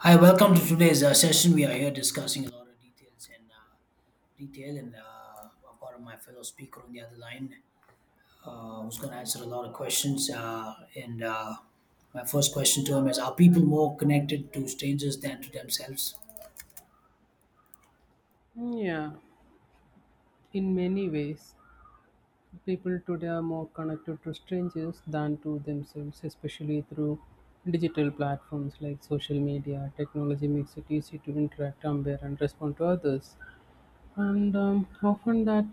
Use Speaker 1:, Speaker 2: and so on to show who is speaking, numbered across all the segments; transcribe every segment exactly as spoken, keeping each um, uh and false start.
Speaker 1: Hi, welcome to today's uh, session. We are here discussing a lot of details and uh, detail, and uh, I've got my fellow speaker on the other line uh, who's going to answer a lot of questions. Uh, and uh, My first question to him is: are people more connected to strangers than to themselves?
Speaker 2: Yeah, in many ways, people today are more connected to strangers than to themselves, especially through digital platforms like social media. Technology makes it easy to interact, compare, and respond to others, and um, often that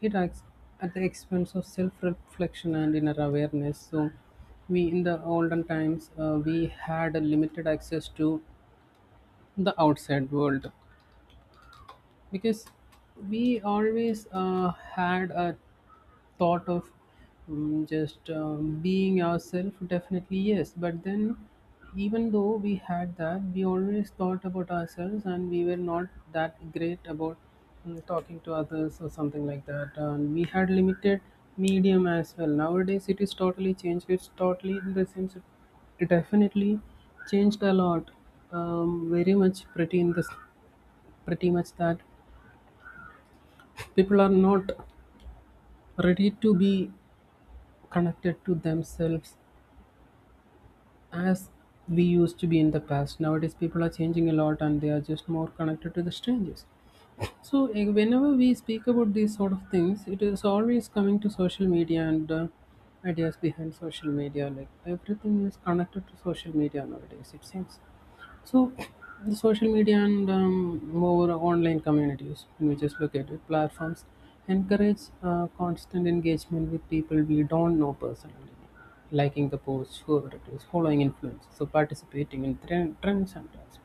Speaker 2: it acts at the expense of self-reflection and inner awareness. So, we in the olden times uh, we had a limited access to the outside world because we always uh, had a thought of um, just um, being ourselves, definitely yes, but then even though we had that, we always thought about ourselves and we were not that great about mm, talking to others or something like that, and we had limited medium as well. Nowadays it is totally changed, it's totally in the sense it it definitely changed a lot, um, very much pretty in this pretty much that people are not ready to be connected to themselves as we used to be in the past. Nowadays, people are changing a lot and they are just more connected to the strangers. So, eh, whenever we speak about these sort of things, it is always coming to social media and uh, ideas behind social media. Like everything is connected to social media nowadays, it seems. So, the social media and um, more online communities, in which is located platforms, encourage uh, constant engagement with people we don't know personally, liking the posts, favorites, following influencers, so participating in trend, trends and trends.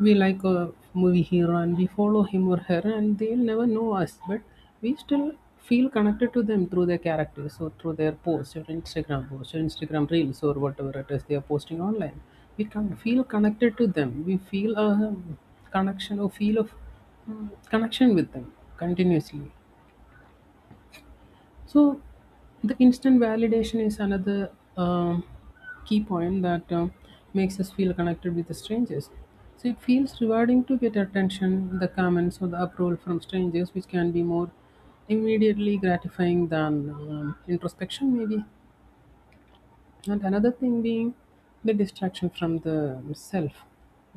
Speaker 2: We like a movie hero and we follow him or her, and they'll never know us, but we still feel connected to them through their characters or through their posts or Instagram posts or Instagram reels or whatever it is they are posting online. We can feel connected to them, we feel a um, connection or feel of um, connection with them continuously. So, the instant validation is another um, key point that um, makes us feel connected with the strangers. So, it feels rewarding to get attention, the comments, or the approval from strangers, which can be more immediately gratifying than um, introspection, maybe. And another thing being the distraction from the self,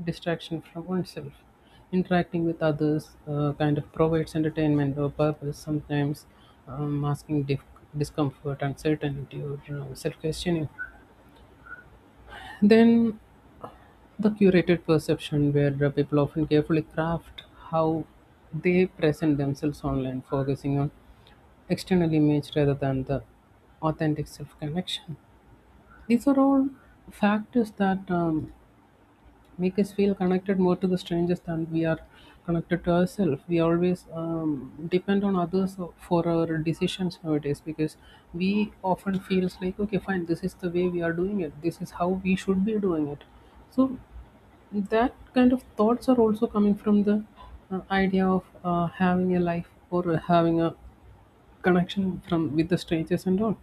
Speaker 2: distraction from oneself. Interacting with others uh, kind of provides entertainment or purpose, sometimes um, masking dif- discomfort, uncertainty, or you know, self questioning. Then the curated perception, where the people often carefully craft how they present themselves online, focusing on external image rather than the authentic self connection. These are all factors that um, make us feel connected more to the strangers than we are connected to ourselves. We always um, depend on others for our decisions nowadays, because we often feels like, okay, fine, this is the way we are doing it. This is how we should be doing it. So that kind of thoughts are also coming from the uh, idea of uh, having a life or having a connection from with the strangers and all.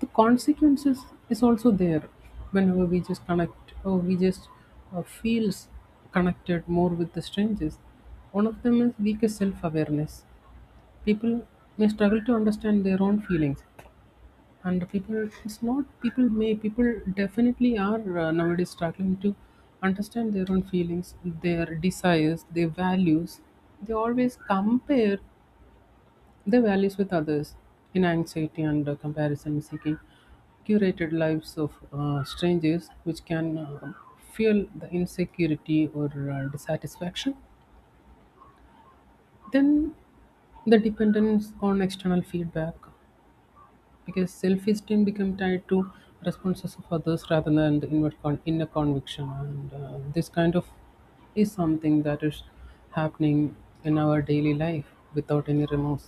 Speaker 2: The consequences is also there whenever we just connect or we just uh, feels connected more with the strangers. One of them is weaker self-awareness. People may struggle to understand their own feelings, and people it's not people may people definitely are uh, nowadays struggling to understand their own feelings, their desires, their values. They always compare their values with others in anxiety and uh, comparison seeking curated lives of uh, strangers, which can uh, fuel the insecurity or uh, dissatisfaction. Then the dependence on external feedback, because self-esteem become tied to responses of others rather than the inward con- inner conviction, and uh, this kind of is something that is happening in our daily life without any remorse.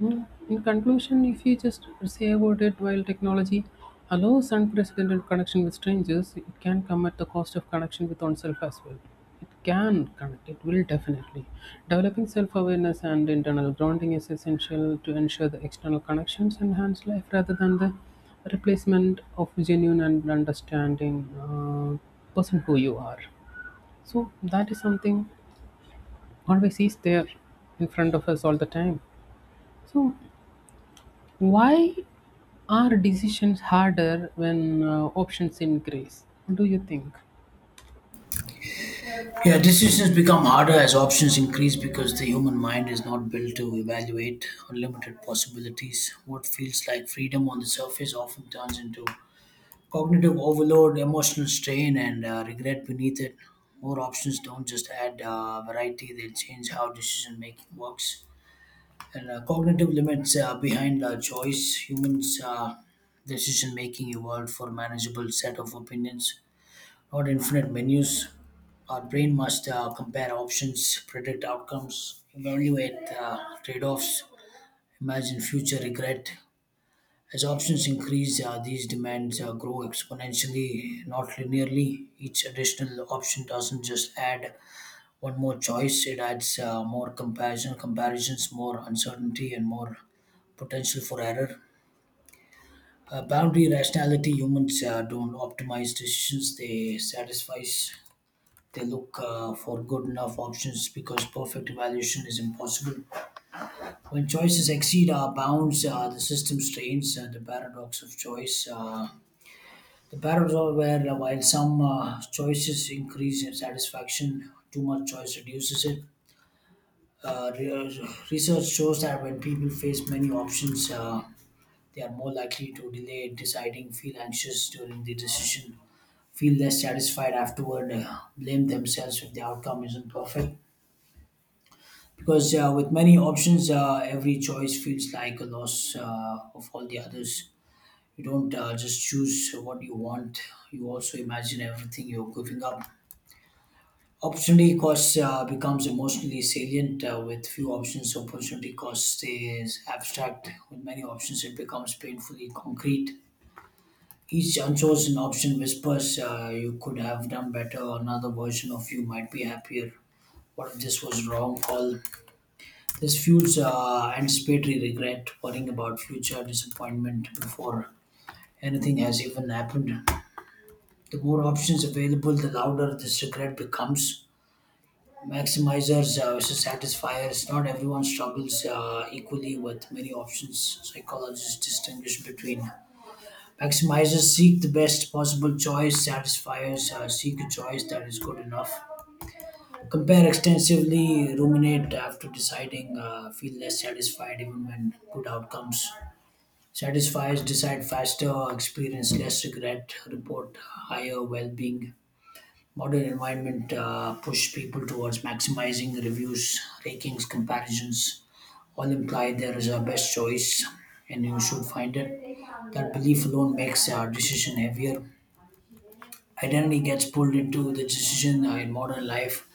Speaker 2: Mm, in conclusion, if you just say about it, while technology allows unprecedented connection with strangers, it can come at the cost of connection with oneself as well. It can connect, it will definitely. Developing self awareness and internal grounding is essential to ensure the external connections enhance life rather than the replacement of genuine and understanding uh, person who you are. So, that is something always is there in front of us all the time. So, why are decisions harder when uh, options increase? What do you think?
Speaker 1: Yeah, decisions become harder as options increase because the human mind is not built to evaluate unlimited possibilities. What feels like freedom on the surface often turns into cognitive overload, emotional strain, and uh, regret beneath it. More options don't just add uh, variety, they change how decision making works. And uh, cognitive limits uh, behind uh, choice. Humans' uh, decision making evolved for manageable set of opinions, not infinite menus. Our brain must uh, compare options, predict outcomes, evaluate uh, trade offs, imagine future regret. As options increase, uh, these demands uh, grow exponentially, not linearly. Each additional option doesn't just add one more choice, it adds uh, more comparison, comparisons, more uncertainty, and more potential for error. Uh, boundary rationality humans uh, don't optimize decisions, they satisfy. They look uh, for good enough options because perfect evaluation is impossible. When choices exceed our bounds, uh, the system strains, and the paradox of choice. Uh, The paradox where uh, while some uh, choices increase in satisfaction, too much choice reduces it. Uh, re- research shows that when people face many options, uh, they are more likely to delay deciding, feel anxious during the decision, feel less satisfied afterward, uh, blame themselves if the outcome isn't perfect. Because uh, with many options, uh, every choice feels like a loss uh, of all the others. You don't uh, just choose what you want, you also imagine everything you're giving up. Opportunity cost uh, becomes emotionally salient uh, with few options. Opportunity cost stays abstract. With many options, it becomes painfully concrete. Each unchosen option whispers, uh, you could have done better. Another version of you might be happier. What if this was wrong call? This fuels uh, anticipatory regret, worrying about future disappointment before anything has even happened. The more options available, the louder this regret becomes. Maximizers uh, versus satisfiers. Not everyone struggles uh, equally with many options. Psychologists distinguish between maximizers seek the best possible choice, satisfiers uh, seek a choice that is good enough. Compare extensively, ruminate after deciding, uh, feel less satisfied even when good outcomes. Satisfiers decide faster, experience less regret, report higher well being. Modern environment uh, push people towards maximizing reviews, rankings, comparisons. All imply there is a best choice, and you should find it. That belief alone makes our decision heavier. Identity gets pulled into the decision uh, in modern life.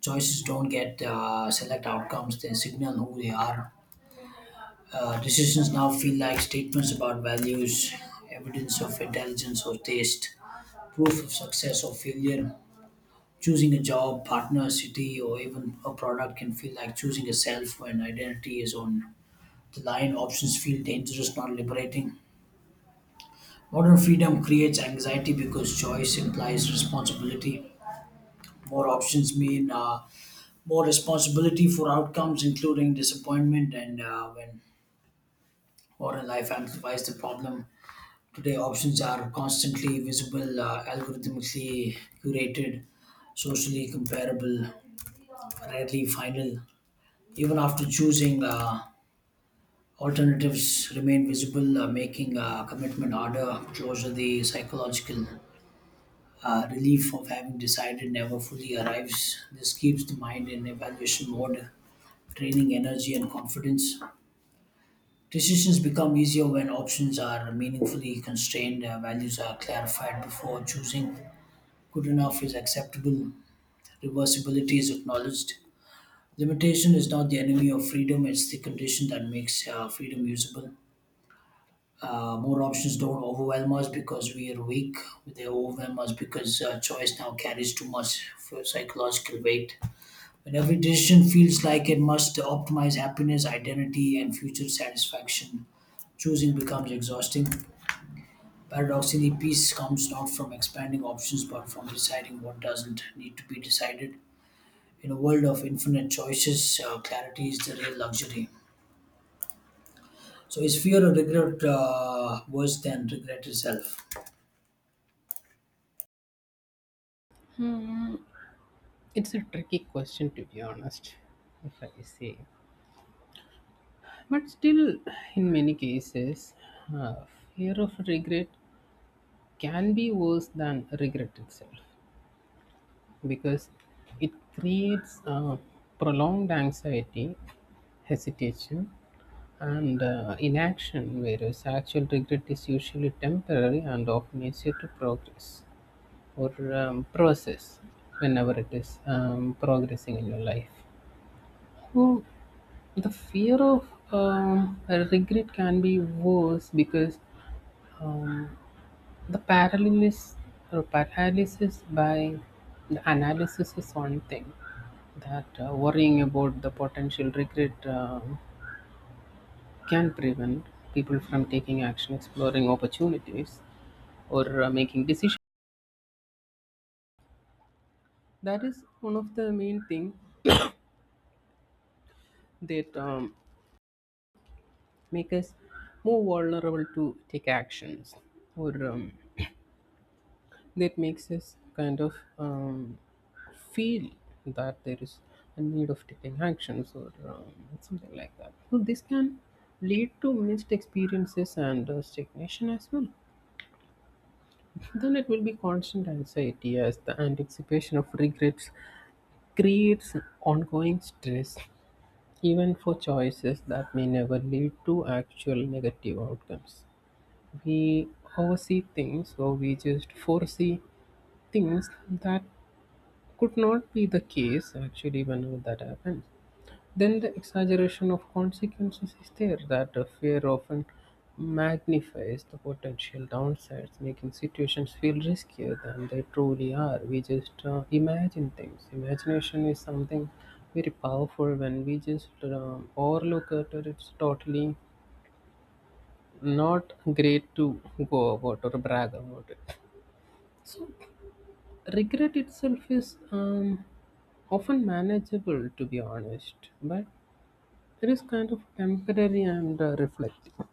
Speaker 1: Choices don't get uh, select outcomes; they signal who they are. Uh, decisions now feel like statements about values, evidence of intelligence or taste, proof of success or failure. Choosing a job, partner, city, or even a product can feel like choosing a self when identity is on the line. Options feel dangerous, not liberating. Modern freedom creates anxiety because choice implies responsibility. More options mean uh, more responsibility for outcomes, including disappointment, and uh, when modern life amplifies the problem. Today, options are constantly visible, uh, algorithmically curated, socially comparable, rarely final. Even after choosing uh, alternatives remain visible, uh, making a commitment harder closer the psychological uh, relief of having decided never fully arrives. This keeps the mind in evaluation mode, training energy and confidence. Decisions become easier when options are meaningfully constrained, uh, values are clarified before choosing, good enough is acceptable, reversibility is acknowledged. Limitation is not the enemy of freedom, it's the condition that makes uh, freedom usable. Uh, more options don't overwhelm us because we are weak. They overwhelm us because uh, choice now carries too much for psychological weight. When every decision feels like it must optimize happiness, identity, and future satisfaction, choosing becomes exhausting. Paradoxically, peace comes not from expanding options but from deciding what doesn't need to be decided. In a world of infinite choices, uh, clarity is the real luxury. So, is fear or regret uh, worse than regret itself?
Speaker 2: Hmm, it's a tricky question to be honest, if I say. But still, in many cases, uh, fear of regret can be worse than regret itself because it creates uh, prolonged anxiety, hesitation, and uh, inaction, whereas actual regret is usually temporary and often easier to progress. Or um, process whenever it is um, progressing in your life. So the fear of um, regret can be worse because, um, the paralysis or paralysis by the analysis is one thing that uh, worrying about the potential regret um can prevent people from taking action, exploring opportunities, or uh, making decisions. That is one of the main thing that um, make us more vulnerable to take actions or um, that makes us kind of um, feel that there is a need of taking actions or um, something like that. So this can lead to missed experiences and uh, stagnation as well. Then it will be constant anxiety as the anticipation of regrets creates ongoing stress even for choices that may never lead to actual negative outcomes. We oversee things or we just foresee things that could not be the case actually. Whenever that happens, then the exaggeration of consequences is there, that the fear often magnifies the potential downsides, making situations feel riskier than they truly are. We just uh, imagine things. Imagination is something very powerful. When we just um, overlook it, it's totally not great to go about or brag about it. Regret itself is um, often manageable to be honest, but it is kind of temporary and uh, reflective.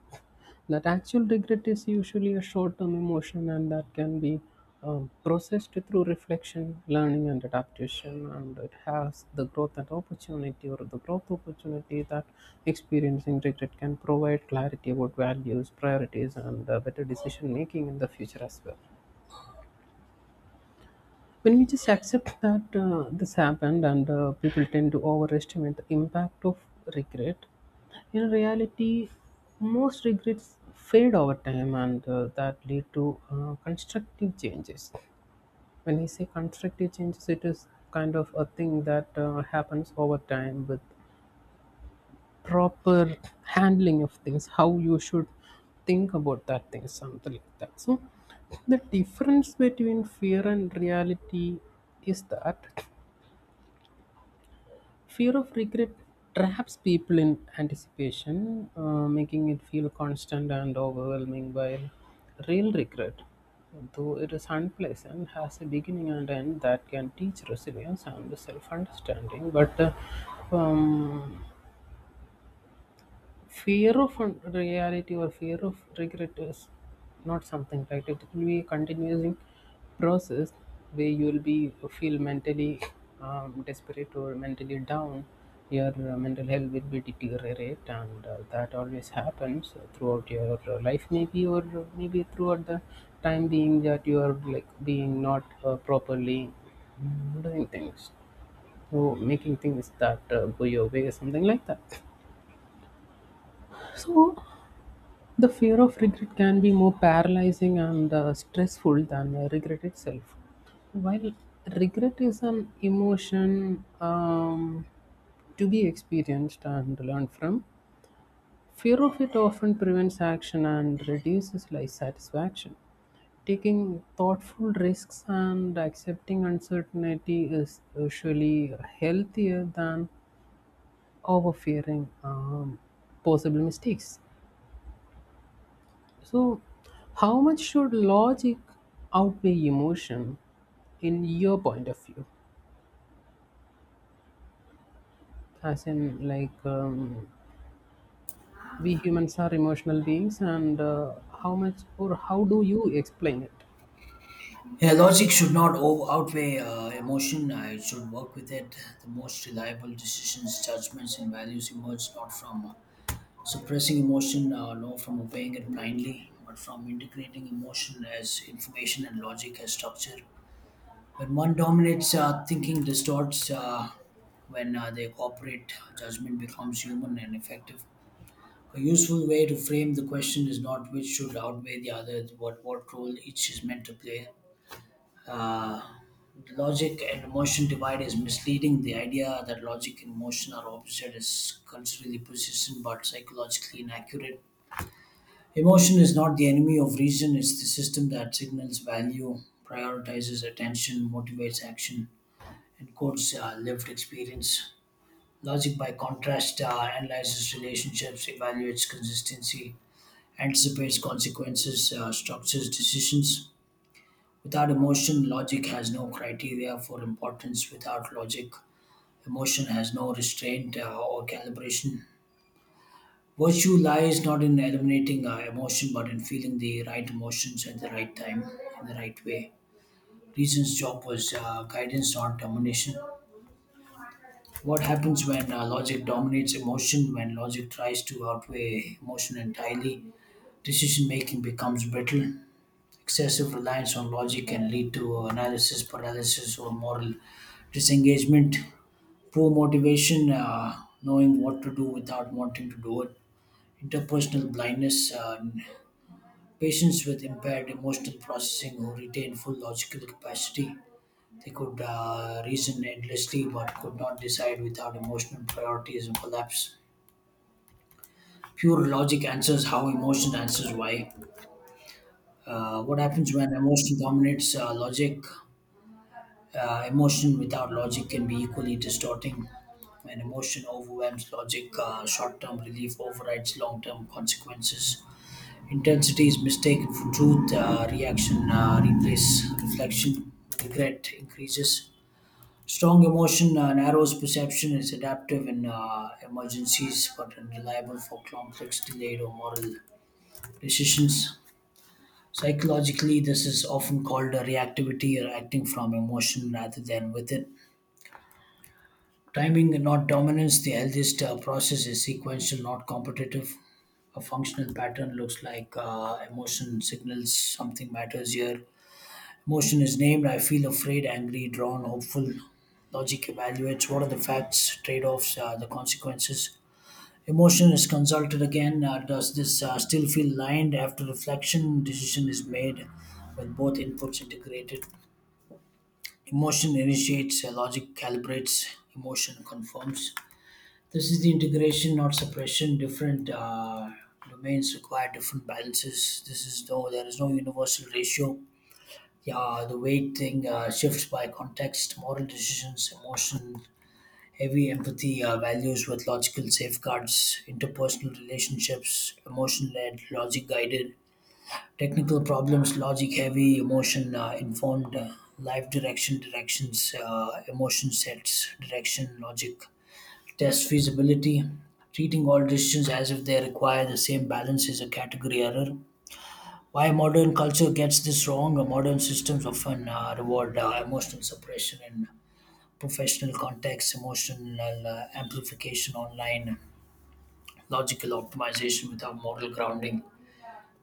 Speaker 2: That actual regret is usually a short-term emotion and that can be um, processed through reflection, learning and adaptation. And it has the growth and opportunity or the growth opportunity, that experiencing regret can provide clarity about values, priorities, and uh, better decision making in the future as well, when we just accept that uh, this happened. And uh, people tend to overestimate the impact of regret. In reality, most regrets fade over time and uh, that lead to uh, constructive changes. When we say constructive changes, it is kind of a thing that uh, happens over time with proper handling of things, how you should think about that thing, something like that. So the difference between fear and reality is that fear of regret traps people in anticipation, uh, making it feel constant and overwhelming, while real regret, though it is unpleasant, has a beginning and end that can teach resilience and self understanding. But uh, um, fear of reality or fear of regret is not something right. It will be a continuing process where you will be feel mentally um, desperate or mentally down. Your uh, mental health will be deteriorate, and uh, that always happens throughout your uh, life maybe, or maybe throughout the time being that you are like being not uh, properly mm, doing things, so making things that uh, go your way or something like that. So the fear of regret can be more paralyzing and uh, stressful than uh, regret itself. While regret is an emotion um, to be experienced and learned from, fear of it often prevents action and reduces life satisfaction. Taking thoughtful risks and accepting uncertainty is usually healthier than overfearing um, possible mistakes. So, how much should logic outweigh emotion in your point of view? As in, like, um, we humans are emotional beings, and uh, how much or how do you explain it?
Speaker 1: Yeah, logic should not o- outweigh uh, emotion. Uh, it should work with it. The most reliable decisions, judgments, and values emerge not from uh, suppressing emotion, uh, nor from obeying it blindly, but from integrating emotion as information and logic as structure. When one dominates, uh, thinking distorts. Uh, when uh, they cooperate, judgment becomes human and effective. A useful way to frame the question is not which should outweigh the other, but what role each is meant to play. Uh, Logic and emotion divide is misleading. The idea that logic and emotion are opposite is culturally persistent but psychologically inaccurate. Emotion is not the enemy of reason, it's the system that signals value, prioritizes attention, motivates action, and codes uh, lived experience. Logic, by contrast, uh, analyzes relationships, evaluates consistency, anticipates consequences, uh, structures decisions. Without emotion, logic has no criteria for importance. Without logic, emotion has no restraint uh, or calibration. Virtue lies not in eliminating uh, emotion but in feeling the right emotions at the right time in the right way. Reason's job was uh, guidance, not domination. What happens when uh, logic dominates emotion, when logic tries to outweigh emotion entirely? Decision making becomes brittle. Excessive reliance on logic can lead to analysis paralysis or moral disengagement. Poor motivation, uh, knowing what to do without wanting to do it. Interpersonal blindness, uh, patients with impaired emotional processing who retain full logical capacity. They could uh, reason endlessly but could not decide without emotional priorities and collapse. Pure logic answers how, emotion answers why. Uh, what happens when emotion dominates uh, logic? Uh, emotion without logic can be equally distorting. When emotion overwhelms logic, uh, short term relief overrides long term consequences. Intensity is mistaken for truth, uh, reaction uh, replaces reflection, regret increases. Strong emotion uh, narrows perception, is adaptive in uh, emergencies but unreliable for complex, delayed, or moral decisions. Psychologically, this is often called a reactivity or acting from emotion rather than with it. Timing and not dominance. The healthiest uh, process is sequential, not competitive. A functional pattern looks like uh, emotion signals something matters here. Emotion is named I feel afraid, angry, drawn, hopeful. Logic evaluates what are the facts, trade offs, uh, the consequences. Emotion is consulted again. Uh, does this uh, still feel aligned? After reflection, decision is made with both inputs integrated. Emotion initiates, uh, logic calibrates, emotion confirms. This is the integration, not suppression. Different uh, domains require different balances. This is no, there is no universal ratio. Yeah, the weight thing uh, shifts by context, moral decisions, emotion, heavy empathy, uh, values with logical safeguards, interpersonal relationships, emotion led, logic guided, technical problems, logic heavy, emotion uh, informed, uh, life direction, directions, uh, emotion sets, direction, logic test feasibility. Treating all decisions as if they require the same balance is a category error. Why modern culture gets this wrong? Uh, Modern systems often uh, reward uh, emotional suppression in professional contexts, emotional uh, amplification online, logical optimization without moral grounding.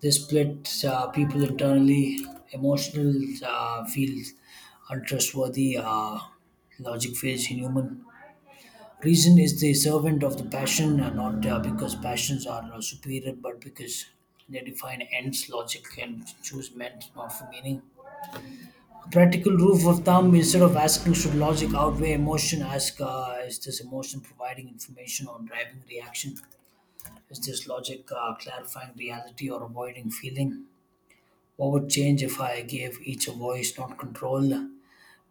Speaker 1: This splits uh, people internally. Emotional uh, feels untrustworthy, uh, logic feels inhuman. Reason is the servant of the passion, uh, not uh, because passions are uh, superior, but because they define ends, logic, and choose meant, not for meaning. A practical rule of thumb instead of asking, should logic outweigh emotion? Ask, uh, is this emotion providing information or driving reaction? Is this logic uh, clarifying reality or avoiding feeling? What would change if I gave each a voice, not control?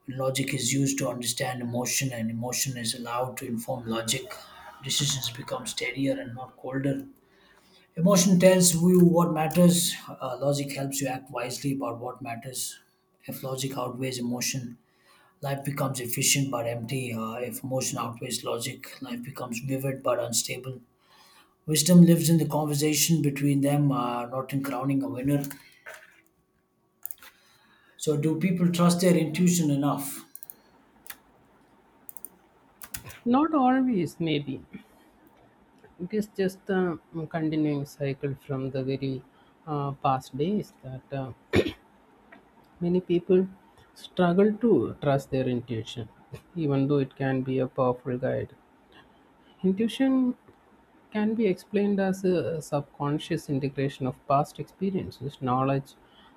Speaker 1: Logic is used to understand emotion, and emotion is allowed to inform logic. Decisions become steadier and not colder. Emotion tells you what matters. Uh, logic helps you act wisely about what matters. If logic outweighs emotion, life becomes efficient but empty. Uh, if emotion outweighs logic, life becomes vivid but unstable. Wisdom lives in the conversation between them, uh, not in crowning a winner. So, do people trust their intuition enough?
Speaker 2: Not always, maybe. It is just a continuing cycle from the very uh, past days that uh, many people struggle to trust their intuition, even though it can be a powerful guide. Intuition can be explained as a subconscious integration of past experiences, knowledge,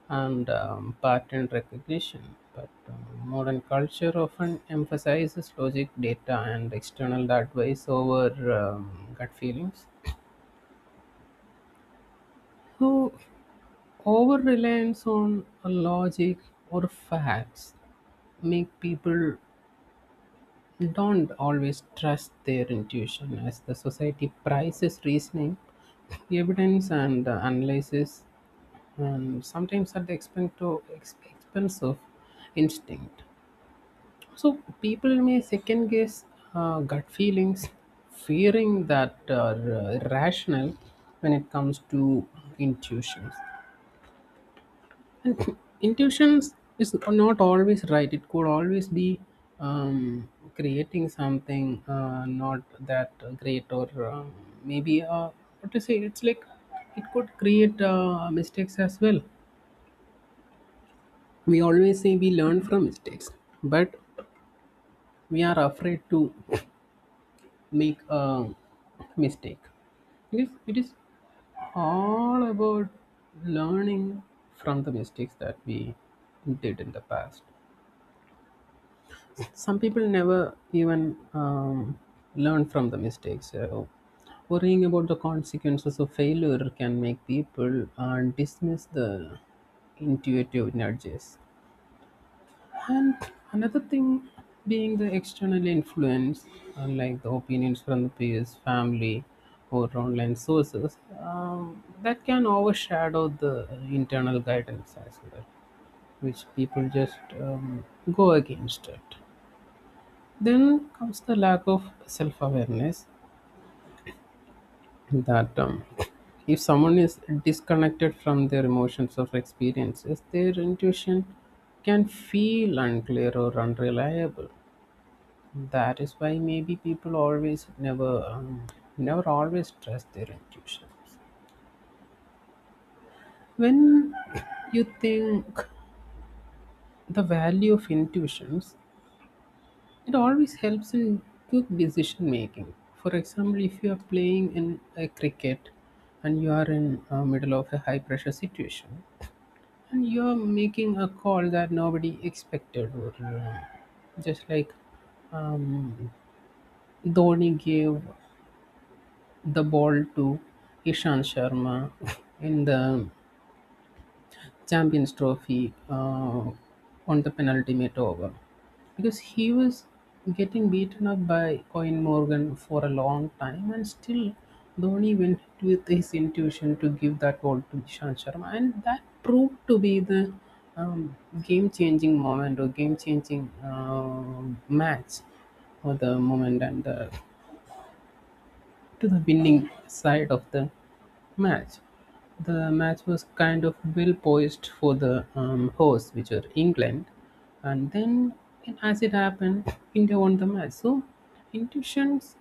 Speaker 2: and um, pattern recognition. But um, modern culture often emphasizes logic, data, and external advice over um, gut feelings. So, over reliance on logic or facts make people don't always trust their intuition, as the society prizes reasoning, evidence, and uh, analysis, and sometimes at the expense to ex- expense of instinct. So people may second guess uh, gut feelings, fearing that are uh, rational when it comes to intuitions. And intuition is not always right. It could always be um, creating something uh, not that great, or uh, maybe uh, what to say. It's like it could create uh, mistakes as well. We always say we learn from mistakes, but we are afraid to make a mistake. It is, it is all about learning from the mistakes that we did in the past. Some people never even um, learn from the mistakes. Uh, worrying about the consequences of failure can make people uh, dismiss the intuitive nudges. And another thing being the external influence, uh, like the opinions from the peers, family, or online sources, um, that can overshadow the internal guidance as well, which people just um, go against it. Then comes the lack of self awareness, that um, if someone is disconnected from their emotions or experiences, their intuition can feel unclear or unreliable. That is why maybe people always never um, never always trust their intuitions. When you think the value of intuitions, it always helps in quick decision making. For example, if you are playing in a cricket and you are in uh, middle of a high pressure situation, and you are making a call that nobody expected, or uh, just like um, Dhoni gave the ball to Ishan Sharma in the Champions Trophy uh, on the penultimate over, because he was getting beaten up by Coin Morgan for a long time, and still Dhoni went with his intuition to give that ball to Ishan Sharma, and that proved to be the um, game-changing moment or game-changing um match for the moment, and the, to the winning side of the match. The match was kind of well poised for the um, hosts, which were England, and then and as it happened, India won the match. So intuitions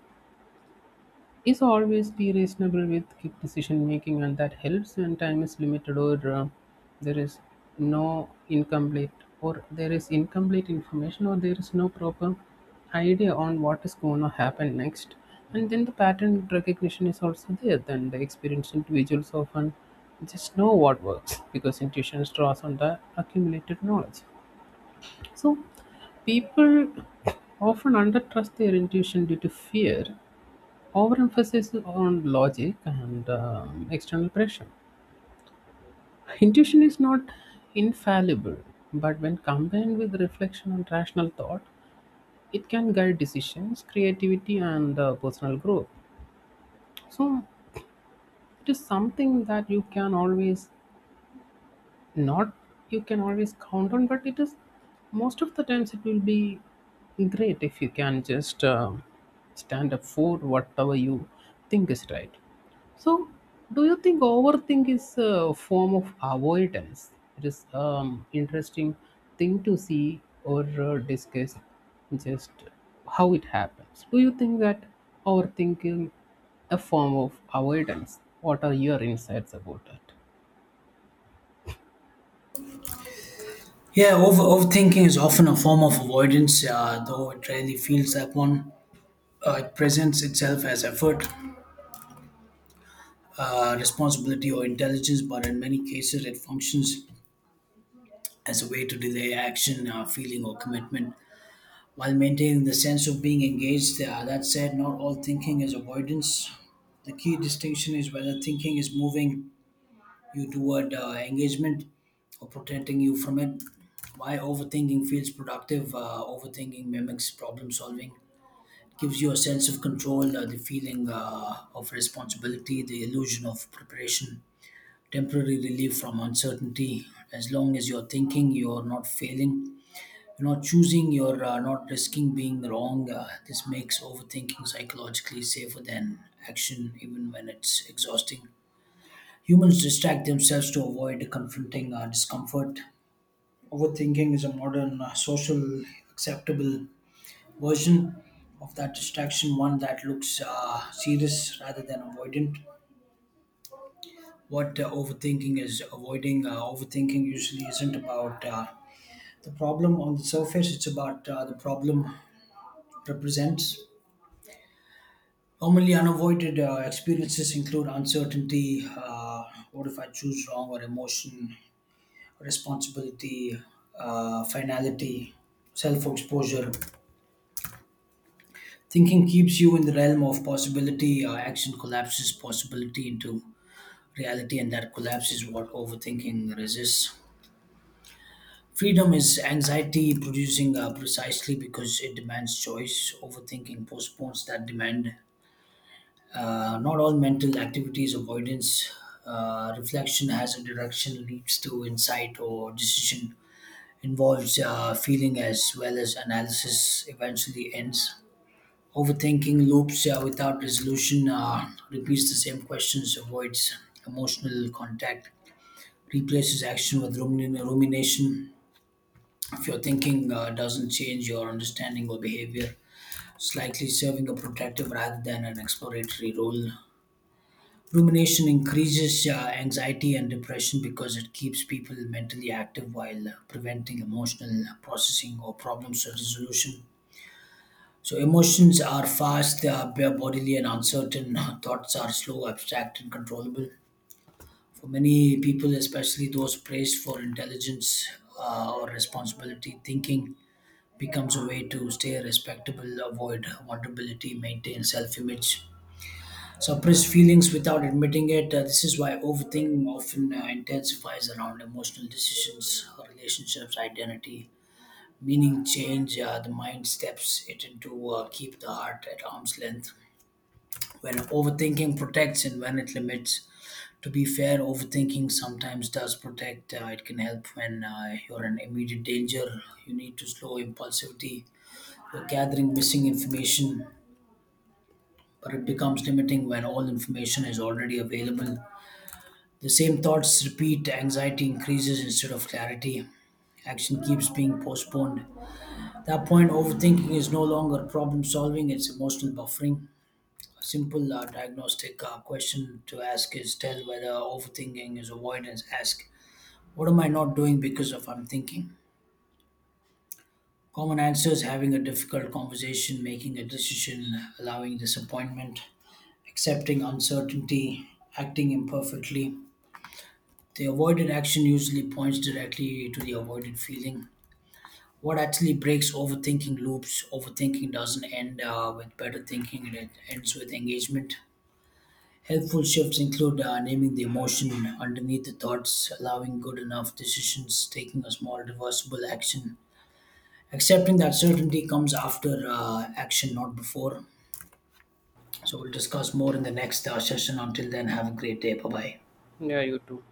Speaker 2: is always be reasonable with quick decision making, and that helps when time is limited or uh, there is no incomplete or there is incomplete information, or there is no proper idea on what is going to happen next. And then the pattern recognition is also there. Then the experienced individuals often just know what works, because intuition draws on the accumulated knowledge. So people often undertrust their intuition due to fear, overemphasis on logic, and um, external pressure. Intuition is not infallible, but when combined with reflection and rational thought, it can guide decisions, creativity, and uh, personal growth. So, it is something that you can always not, you can always count on, but it is most of the times it will be great if you can just um, stand up for whatever you think is right. So, do you think overthink is a form of avoidance? It is um interesting thing to see or uh, discuss, just how it happens. Do you think that overthinking a form of avoidance? What are your insights about that?
Speaker 1: Yeah, over, overthinking is often a form of avoidance, uh, though it rarely feels that one. Uh, it presents itself as effort, uh, responsibility, or intelligence, but in many cases, it functions as a way to delay action, uh, feeling, or commitment while maintaining the sense of being engaged. Uh, that said, not all thinking is avoidance. The key distinction is whether thinking is moving you toward uh, engagement or protecting you from it. Why overthinking feels productive? Uh, overthinking mimics problem solving, gives you a sense of control, uh, the feeling uh, of responsibility, the illusion of preparation, temporary relief from uncertainty. As long as you're thinking, you're not failing, you're not choosing, you're uh, not risking being wrong. Uh, this makes overthinking psychologically safer than action, even when it's exhausting. Humans distract themselves to avoid confronting uh, discomfort. Overthinking is a modern uh, social acceptable version of that distraction, one that looks uh, serious rather than avoidant. What uh, overthinking is avoiding, uh, overthinking usually isn't about uh, the problem on the surface, it's about uh, the problem represents. Normally, unavoided uh, experiences include uncertainty, uh, what if I choose wrong, or emotion, responsibility, uh, finality, self exposure. Thinking keeps you in the realm of possibility, uh, action collapses possibility into reality, and that collapse is what overthinking resists. Freedom is anxiety producing uh, precisely because it demands choice. Overthinking postpones that demand. Uh, not all mental activities, avoidance, uh, reflection has a direction, leads to insight or decision, involves uh, feeling as well as analysis, eventually ends. Overthinking loops uh, without resolution, uh, repeats the same questions, avoids emotional contact, replaces action with rumin- rumination. If your thinking uh, doesn't change, your understanding or behavior is likely serving a protective rather than an exploratory role. Rumination increases uh, anxiety and depression because it keeps people mentally active while uh, preventing emotional processing or problem resolution. So, emotions are fast, they are bodily and uncertain, thoughts are slow, abstract, and controllable. For many people, especially those praised for intelligence uh, or responsibility, thinking becomes a way to stay respectable, avoid vulnerability, maintain self image, suppress feelings without admitting it. Uh, this is why overthinking often uh, intensifies around emotional decisions, relationships, identity, meaning change. Uh, the mind steps it into uh, keep the heart at arm's length. When overthinking protects and when it limits, to be fair, overthinking sometimes does protect. Uh, it can help when uh, you're in immediate danger. You need to slow impulsivity. You're gathering missing information, but it becomes limiting when all information is already available. The same thoughts repeat, anxiety increases instead of clarity. Action keeps being postponed. At that point, overthinking is no longer problem solving, it's emotional buffering. A simple uh, diagnostic uh, question to ask is tell whether overthinking is avoidance. Ask what am I not doing because of I'm thinking? Common answers having a difficult conversation, making a decision, allowing disappointment, accepting uncertainty, acting imperfectly. The avoided action usually points directly to the avoided feeling. What actually breaks overthinking loops? Overthinking doesn't end uh, with better thinking, it ends with engagement. Helpful shifts include uh, naming the emotion underneath the thoughts, allowing good enough decisions, taking a small reversible action, accepting that certainty comes after uh, action, not before. So we'll discuss more in the next uh, session. Until then, have a great day. Bye bye.
Speaker 2: Yeah, you too.